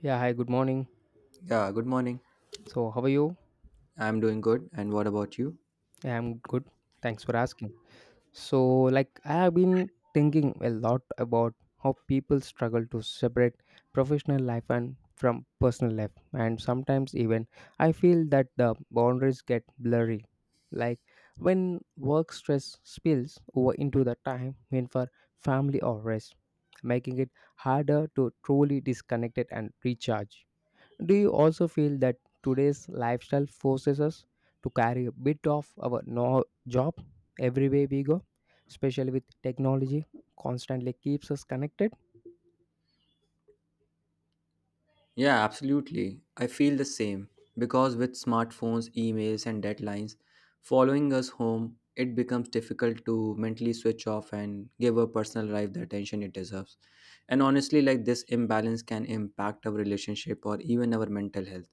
Yeah, hi, good morning. Yeah, good morning. So, how are you? I'm doing good. And what about you? I'm good. Thanks for asking. So, I have been thinking a lot about how people struggle to separate professional life and from personal life, and sometimes even I feel that the boundaries get blurry. Like, when work stress spills over into the time when for family or rest, making it harder to truly disconnect it and recharge. Do you also feel that today's lifestyle forces us to carry a bit of our no job everywhere we go, especially with technology constantly keeps us connected? Yeah, absolutely. I feel the same because with smartphones, emails, and deadlines following us home, it becomes difficult to mentally switch off and give our personal life the attention it deserves. And honestly, like, this imbalance can impact our relationship or even our mental health.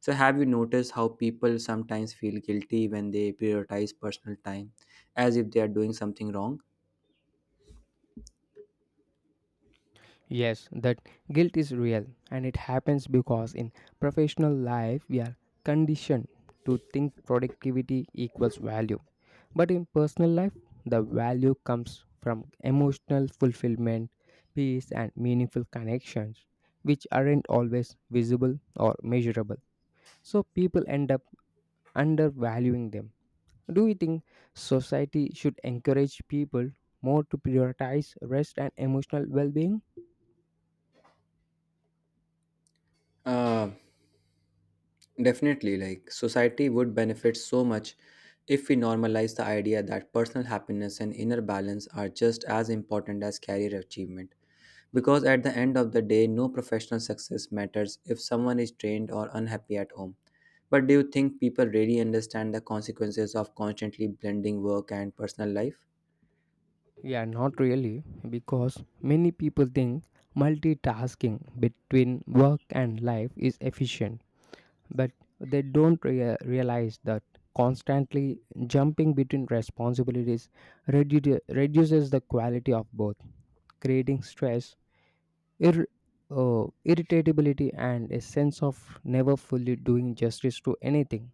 So, have you noticed how people sometimes feel guilty when they prioritize personal time as if they are doing something wrong? Yes, that guilt is real and it happens because in professional life we are conditioned to think productivity equals value. But in personal life, the value comes from emotional fulfillment, peace, and meaningful connections, which aren't always visible or measurable. So people end up undervaluing them. Do you think society should encourage people more to prioritize rest and emotional well being? Uh, Definitely, like, society would benefit so much if we normalize the idea that personal happiness and inner balance are just as important as career achievement. Because at the end of the day, no professional success matters if someone is drained or unhappy at home. But do you think people really understand the consequences of constantly blending work and personal life? Yeah, not really, because many people think multitasking between work and life is efficient, but they don't realize that constantly jumping between responsibilities reduces the quality of both, creating stress, ir- irritability, and a sense of never fully doing justice to anything.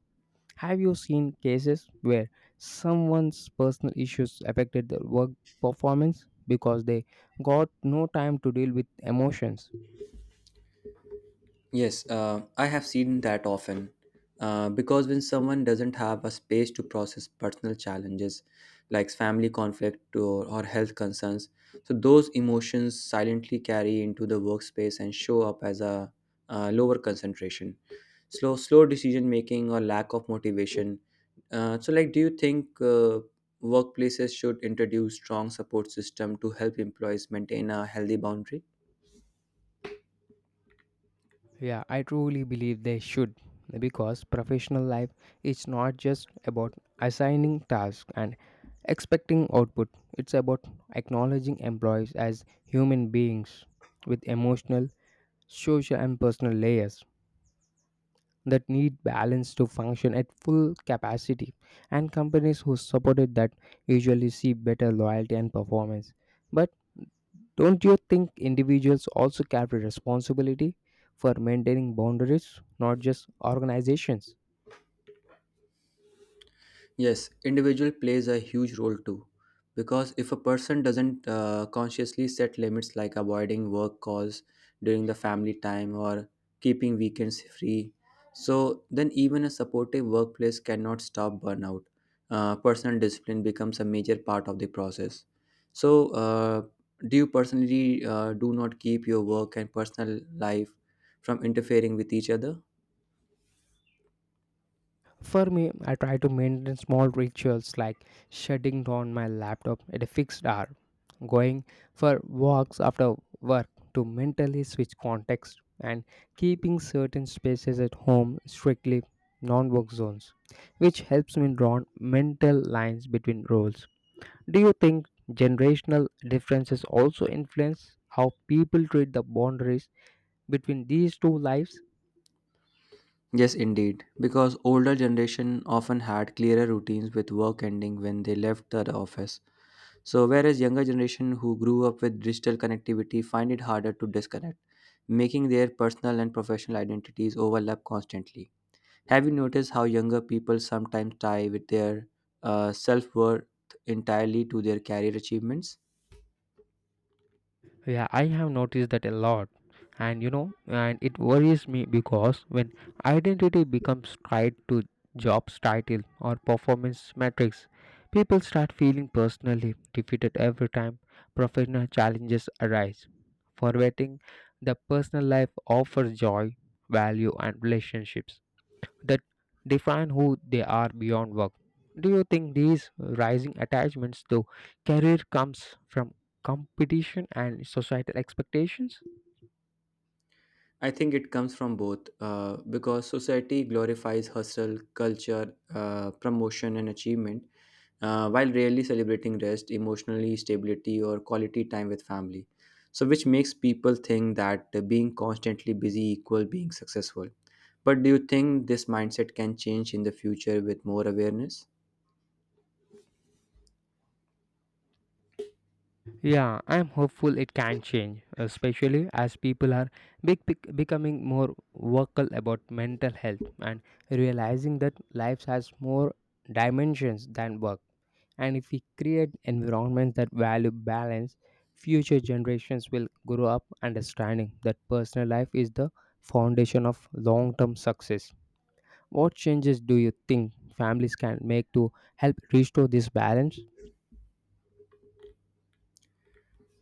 Have you seen cases where someone's personal issues affected their work performance because they got no time to deal with emotions? Yes, I have seen that often. Because when someone doesn't have a space to process personal challenges like family conflict or health concerns, so those emotions silently carry into the workspace and show up as a, lower concentration, slow decision making, or lack of motivation. So, like, do you think workplaces should introduce strong support system to help employees maintain a healthy boundary? Yeah, I truly believe they should because professional life is not just about assigning tasks and expecting output, it's about acknowledging employees as human beings with emotional, social, and personal layers that need balance to function at full capacity, and companies who supported that usually see better loyalty and performance. But don't you think individuals also carry responsibility for maintaining boundaries, not just organizations? Yes, individual plays a huge role too. Because if a person doesn't consciously set limits like avoiding work calls during the family time or keeping weekends free, so then even a supportive workplace cannot stop burnout. Personal discipline becomes a major part of the process. So, do you personally do not keep your work and personal life from interfering with each other? For me, I try to maintain small rituals like shutting down my laptop at a fixed hour, going for walks after work to mentally switch context, and keeping certain spaces at home strictly non work zones, which helps me draw mental lines between roles. Do you think generational differences also influence how people treat the boundaries between these two lives? Yes, indeed, because older generation often had clearer routines with work ending when they left the office. So whereas younger generation who grew up with digital connectivity find it harder to disconnect, making their personal and professional identities overlap constantly. Have you noticed how younger people sometimes tie with their self-worth entirely to their career achievements? Yeah, I have noticed that a lot. And you know, and it worries me because when identity becomes tied to job's title or performance metrics, people start feeling personally defeated every time professional challenges arise, forgetting the personal life offers joy, value, and relationships that define who they are beyond work. Do you think these rising attachments to career comes from competition and societal expectations? I think it comes from both because society glorifies hustle, culture, promotion, and achievement while rarely celebrating rest, emotionally stability, or quality time with family. So, which makes people think that being constantly busy equal being successful. But do you think this mindset can change in the future with more awareness? Yeah, I'm hopeful it can change, especially as people are becoming more vocal about mental health and realizing that life has more dimensions than work. And if we create environments that value balance, future generations will grow up understanding that personal life is the foundation of long term success. What changes do you think families can make to help restore this balance?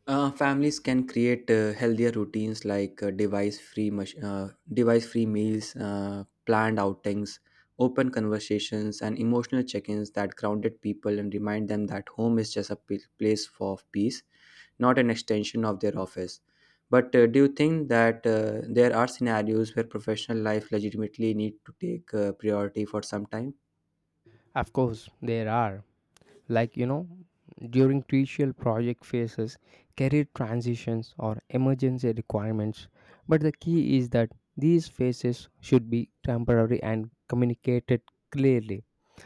Families can create healthier routines like device-free meals, planned outings, open conversations, and emotional check-ins that grounded people and remind them that home is just a place for peace, not an extension of their office. But do you think that there are scenarios where professional life legitimately need to take priority for some time? Of course, there are, like, during crucial project phases, career transitions, or emergency requirements, but the key is that these phases should be temporary and communicated clearly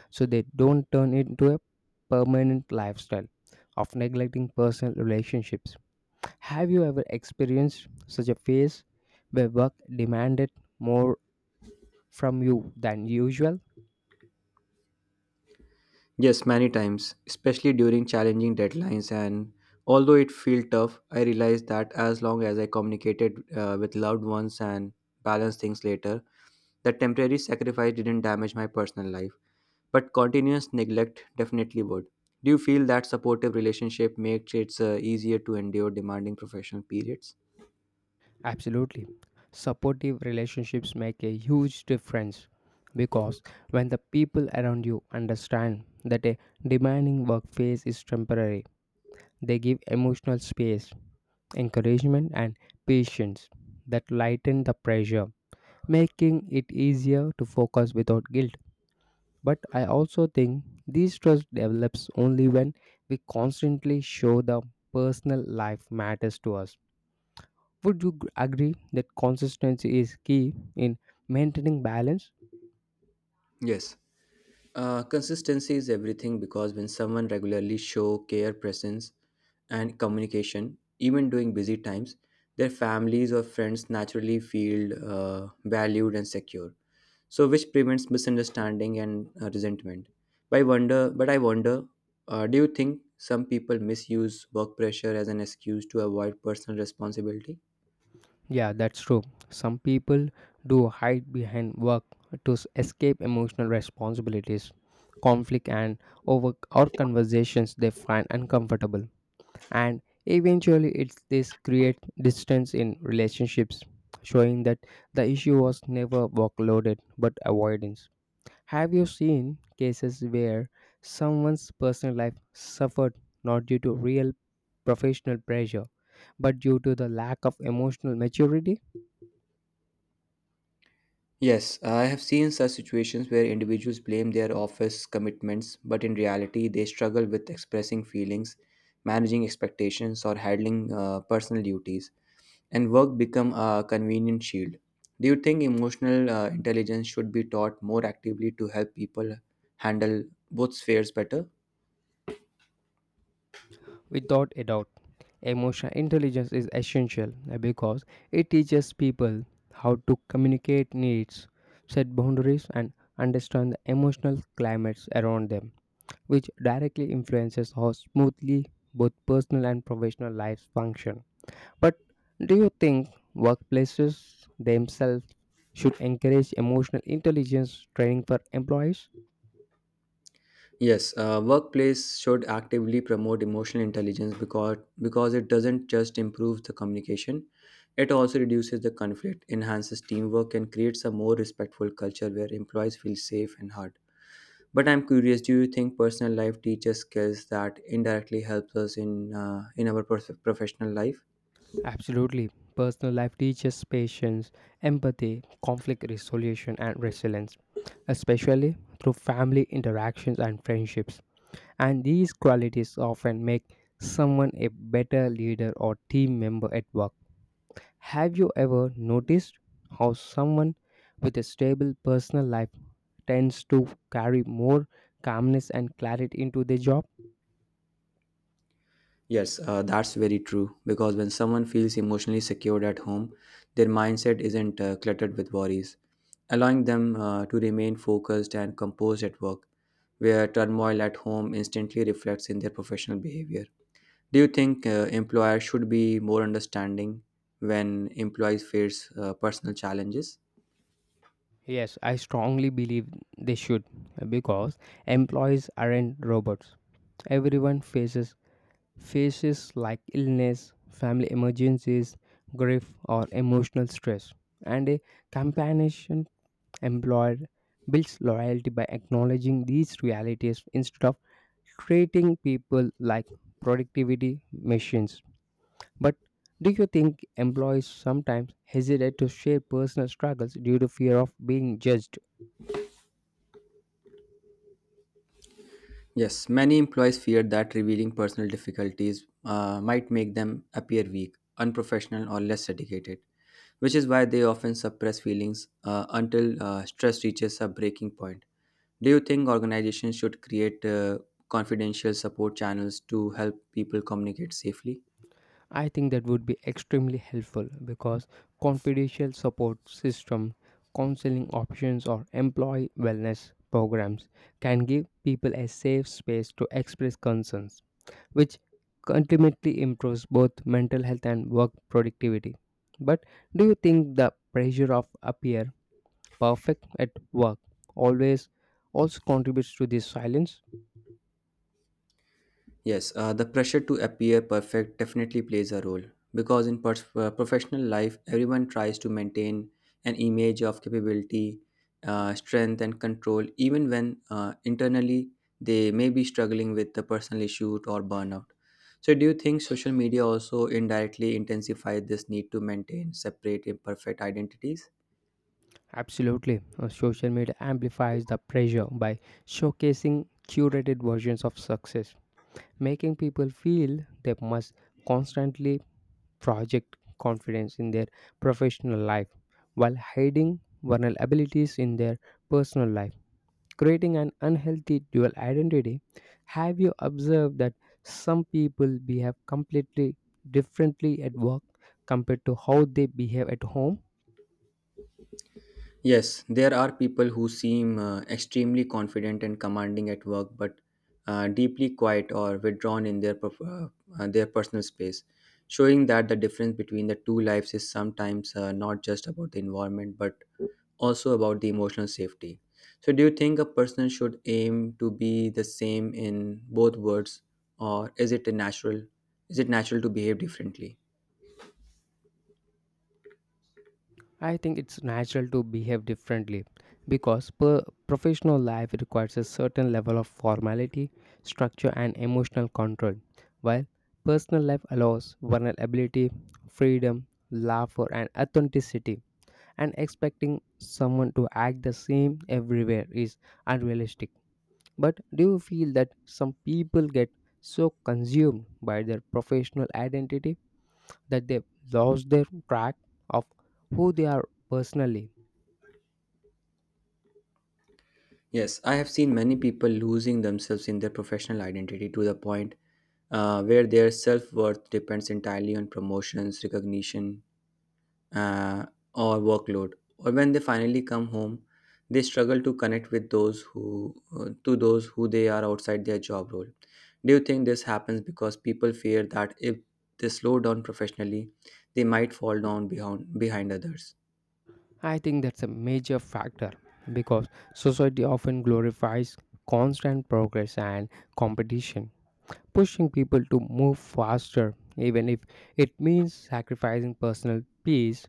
so they don't turn into a permanent lifestyle of neglecting personal relationships. Have you ever experienced such a phase where work demanded more from you than usual? Yes, many times, especially during challenging deadlines. And although it felt tough, I realized that as long as I communicated with loved ones and balanced things later, the temporary sacrifice didn't damage my personal life. But continuous neglect definitely would. Do you feel that supportive relationship makes it easier to endure demanding professional periods? Absolutely. Supportive relationships make a huge difference because when the people around you understand that a demanding work phase is temporary, they give emotional space, encouragement, and patience that lighten the pressure, making it easier to focus without guilt. But I also think this trust develops only when we constantly show the personal life matters to us. Would you agree that consistency is key in maintaining balance? Yes. Consistency is everything because when someone regularly show care, presence, and communication, even during busy times, their families or friends naturally feel valued and secure. So, which prevents misunderstanding and resentment. But I wonder. Do you think some people misuse work pressure as an excuse to avoid personal responsibility? Yeah, that's true. Some people do hide behind work to escape emotional responsibilities, conflict, and over or conversations they find uncomfortable. And eventually, it's this creates distance in relationships, showing that the issue was never workloaded but avoidance. Have you seen cases where someone's personal life suffered not due to real professional pressure, but due to the lack of emotional maturity? Yes, I have seen such situations where individuals blame their office commitments, but in reality, they struggle with expressing feelings, managing expectations, or handling personal duties, and work become a convenient shield. Do you think emotional intelligence should be taught more actively to help people handle both spheres better? Without a doubt, emotional intelligence is essential because it teaches people how to communicate needs, set boundaries, and understand the emotional climates around them, which directly influences how smoothly both personal and professional lives function. But do you think workplaces themselves should encourage emotional intelligence training for employees? Yes, workplace should actively promote emotional intelligence because it doesn't just improve the communication, it also reduces the conflict, enhances teamwork, and creates a more respectful culture where employees feel safe and heard. But I'm curious, do you think personal life teaches skills that indirectly helps us in our professional life? Absolutely. Personal life teaches patience, empathy, conflict resolution, and resilience, especially through family interactions and friendships. And these qualities often make someone a better leader or team member at work. Have you ever noticed how someone with a stable personal life tends to carry more calmness and clarity into their job? Yes, that's very true. Because when someone feels emotionally secured at home, their mindset isn't cluttered with worries, allowing them to remain focused and composed at work, where turmoil at home instantly reflects in their professional behavior. Do you think employers should be more understanding when employees face personal challenges? Yes, I strongly believe they should because employees aren't robots. Everyone faces like illness, family emergencies, grief or emotional stress. And a compassionate employer builds loyalty by acknowledging these realities instead of treating people like productivity machines. But do you think employees sometimes hesitate to share personal struggles due to fear of being judged? Yes, many employees fear that revealing personal difficulties might make them appear weak, unprofessional, or less dedicated, which is why they often suppress feelings until stress reaches a breaking point. Do you think organizations should create confidential support channels to help people communicate safely? I think that would be extremely helpful because confidential support system, counseling options or employee wellness programs can give people a safe space to express concerns, which ultimately improves both mental health and work productivity. But do you think the pressure of appear perfect at work always also contributes to this silence? Yes, the pressure to appear perfect definitely plays a role because in professional life, everyone tries to maintain an image of capability, strength, and control, even when internally they may be struggling with the personal issue or burnout. So, do you think social media also indirectly intensifies this need to maintain separate imperfect identities? Absolutely. Social media amplifies the pressure by showcasing curated versions of success, making people feel they must constantly project confidence in their professional life while hiding vulnerabilities in their personal life, creating an unhealthy dual identity. Have you observed that some people behave completely differently at work compared to how they behave at home? Yes, there are people who seem extremely confident and commanding at work, but deeply quiet or withdrawn in their their personal space, showing that the difference between the two lives is sometimes not just about the environment but also about the emotional safety. So, do you think a person should aim to be the same in both worlds, or is it a natural? Is it natural to behave differently? I think it's natural to behave differently because per professional life requires a certain level of formality, structure, and emotional control, while personal life allows vulnerability, freedom, laughter, and authenticity. And expecting someone to act the same everywhere is unrealistic. But do you feel that some people get so consumed by their professional identity that they lose their track of who they are personally? Yes, I have seen many people losing themselves in their professional identity to the point where their self worth depends entirely on promotions, recognition, uh, or workload. Or when they finally come home, they struggle to connect with those who to those who they are outside their job role. Do you think this happens because people fear that if they slow down professionally, they might fall down behind others? I think that's a major factor because society often glorifies constant progress and competition, pushing people to move faster, even if it means sacrificing personal peace,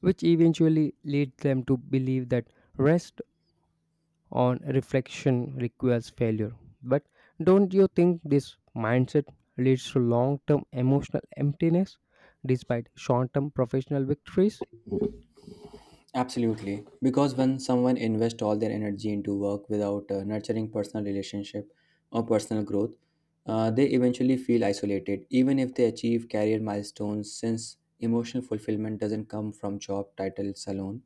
which eventually leads them to believe that rest on reflection requires failure. But don't you think this mindset leads to long term emotional emptiness despite short term professional victories? Absolutely. Because when someone invests all their energy into work without nurturing personal relationship or personal growth, they eventually feel isolated, even if they achieve career milestones, since emotional fulfillment doesn't come from job titles alone.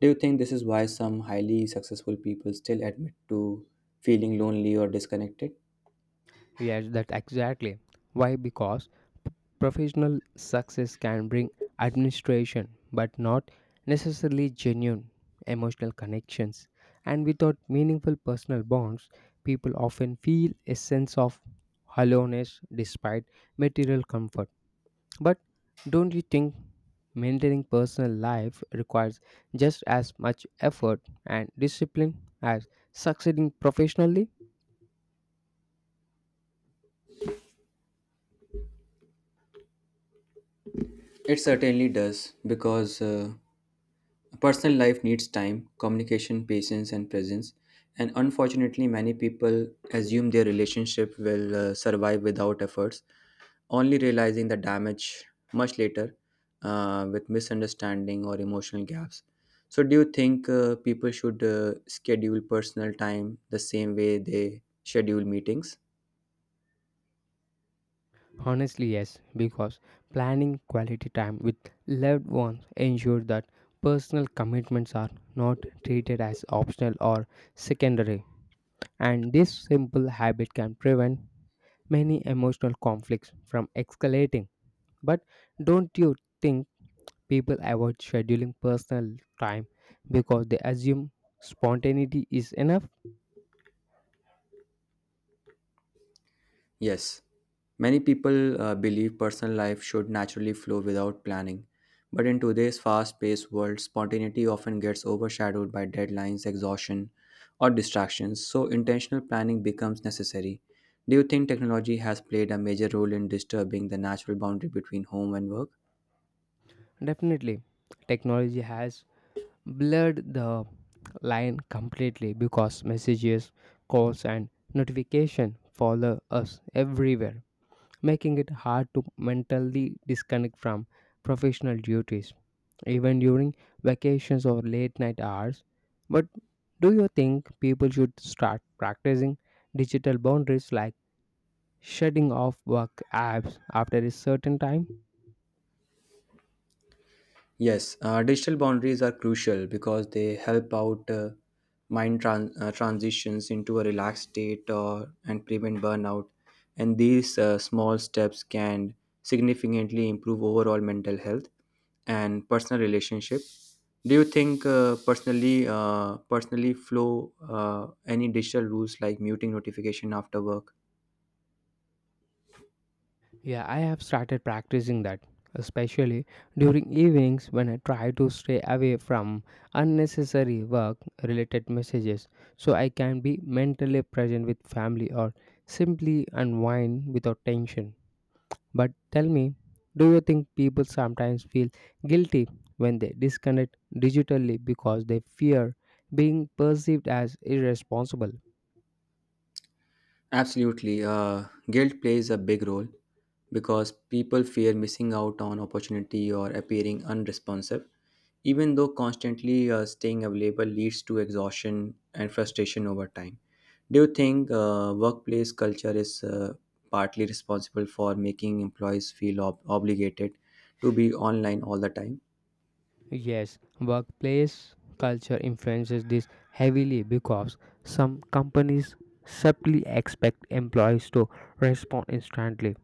Do you think this is why some highly successful people still admit to feeling lonely or disconnected? Yes, that's exactly why. Because professional success can bring administration, but not necessarily genuine emotional connections. And without meaningful personal bonds, people often feel a sense of hollowness despite material comfort. But don't you think maintaining personal life requires just as much effort and discipline as succeeding professionally? It certainly does, because personal life needs time, communication, patience, and presence. And unfortunately, many people assume their relationship will survive without efforts, only realizing the damage much later with misunderstanding or emotional gaps. So, do you think people should schedule personal time the same way they schedule meetings? Honestly, yes, because planning quality time with loved ones ensures that personal commitments are not treated as optional or secondary, and this simple habit can prevent many emotional conflicts from escalating. But don't you think people avoid scheduling personal time because they assume spontaneity is enough? Yes, many people believe personal life should naturally flow without planning. But in today's fast paced world, spontaneity often gets overshadowed by deadlines, exhaustion, or distractions, so intentional planning becomes necessary. Do you think technology has played a major role in disturbing the natural boundary between home and work? Definitely, technology has blurred the line completely because messages, calls, and notification follow us everywhere, making it hard to mentally disconnect from professional duties, even during vacations or late night hours. But do you think people should start practicing digital boundaries like shutting off work apps after a certain time? Yes, digital boundaries are crucial because they help out transitions into a relaxed state or, and prevent burnout. And these small steps can significantly improve overall mental health and personal relationship. Do you think personally, flow any digital rules like muting notification after work? Yeah, I have started practicing that, especially during evenings when I try to stay away from unnecessary work related messages so I can be mentally present with family or simply unwind without tension. But tell me, do you think people sometimes feel guilty when they disconnect digitally because they fear being perceived as irresponsible? Absolutely. Guilt plays a big role because people fear missing out on opportunity or appearing unresponsive. Even though constantly staying available leads to exhaustion and frustration over time. Do you think workplace culture is partly responsible for making employees feel obligated to be online all the time? Yes, workplace culture influences this heavily because some companies simply expect employees to respond instantly,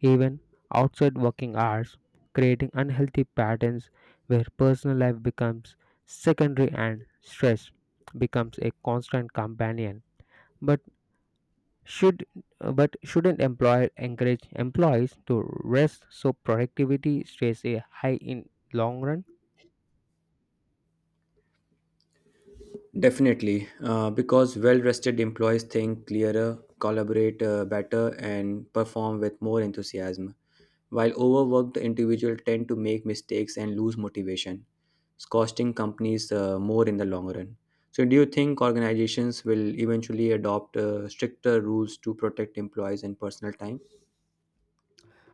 even outside working hours, creating unhealthy patterns where personal life becomes secondary and stress becomes a constant companion. But should, but shouldn't employer encourage employees to rest so productivity stays a high in long run? Definitely, because well rested employees think clearer, collaborate better, and perform with more enthusiasm. While overworked, the individual tend to make mistakes and lose motivation, costing companies more in the long run. So, do you think organizations will eventually adopt stricter rules to protect employees and personal time?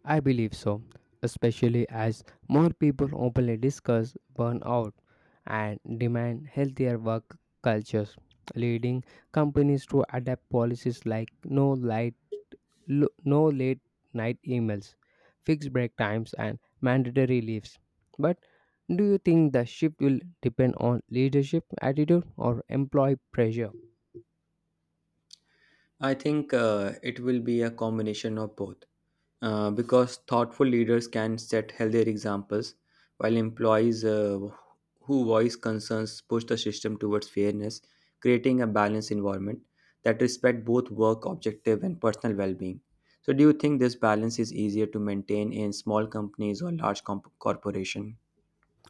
I believe so, especially as more people openly discuss burnout and demand healthier work cultures, leading companies to adapt policies like no light, no late night emails, fixed break times, and mandatory leaves. But do you think the shift will depend on leadership attitude or employee pressure? I think it will be a combination of both. Because thoughtful leaders can set healthier examples, while employees who voice concerns push the system towards fairness, creating a balanced environment that respect both work objective and personal well-being. So, do you think this balance is easier to maintain in small companies or large corporation?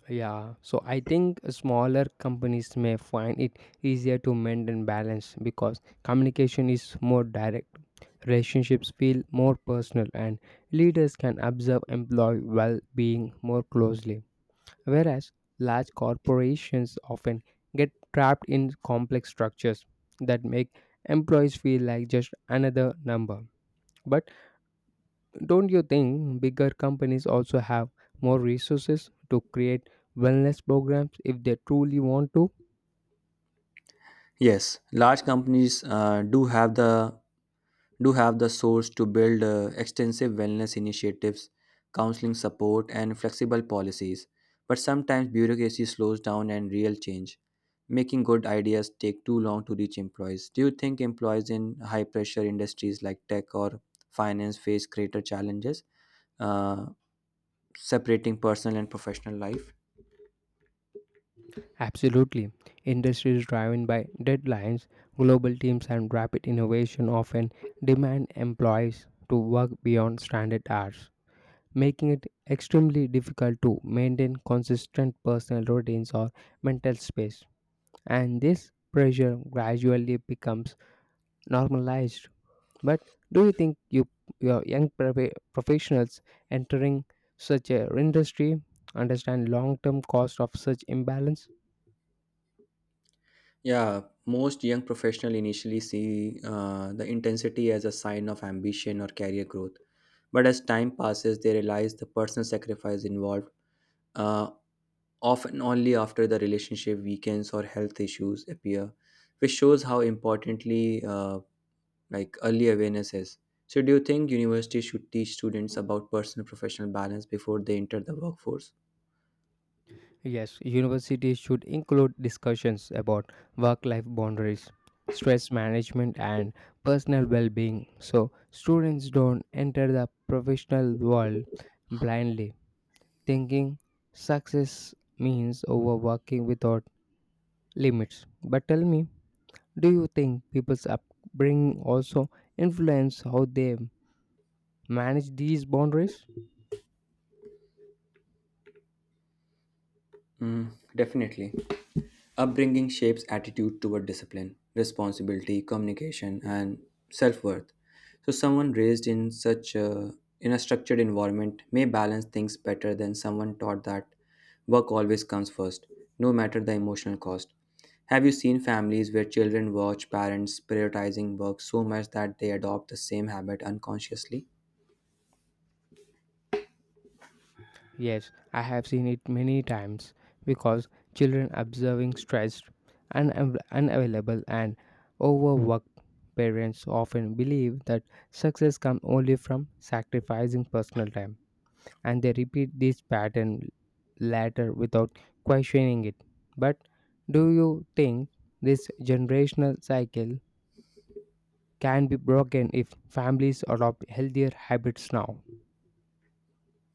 Yeah, so I think smaller companies may find it easier to maintain balance because communication is more direct, relationships feel more personal, and leaders can observe employee well being more closely. Whereas large corporations often get trapped in complex structures that make employees feel like just another number. But don't you think bigger companies also have more resources to create wellness programs if they truly want to? Yes, large companies do have the source to build extensive wellness initiatives, counseling support, and flexible policies. But sometimes bureaucracy slows down and real change, making good ideas take too long to reach employees. Do you think employees in high pressure industries like tech or finance face greater challenges uh, separating personal and professional life? Absolutely. Industries driven by deadlines, global teams, and rapid innovation often demand employees to work beyond standard hours, making it extremely difficult to maintain consistent personal routines or mental space. And this pressure gradually becomes normalized. But do you think your young professionals entering such a industry understand long-term cost of such imbalance? Yeah, most young professionals initially see the intensity as a sign of ambition or career growth. But as time passes, they realize the personal sacrifice involved, uh, often only after the relationship weakens or health issues appear, which shows how importantly like early awareness is. So, do you think universities should teach students about personal professional balance before they enter the workforce? Yes, universities should include discussions about work-life boundaries, stress management, and personal well-being, so students don't enter the professional world blindly, thinking success means overworking without limits. But tell me, do you think people's upbringing also influence how they manage these boundaries? Mm, definitely. Upbringing shapes attitude toward discipline, responsibility, communication, and self worth. So, someone raised in a structured environment may balance things better than someone taught that work always comes first, no matter the emotional cost. Have you seen families where children watch parents prioritizing work so much that they adopt the same habit unconsciously? Yes, I have seen it many times because children observing stressed, unavailable, and overworked parents often believe that success comes only from sacrificing personal time, and they repeat this pattern later without questioning it. But do you think this generational cycle can be broken if families adopt healthier habits now.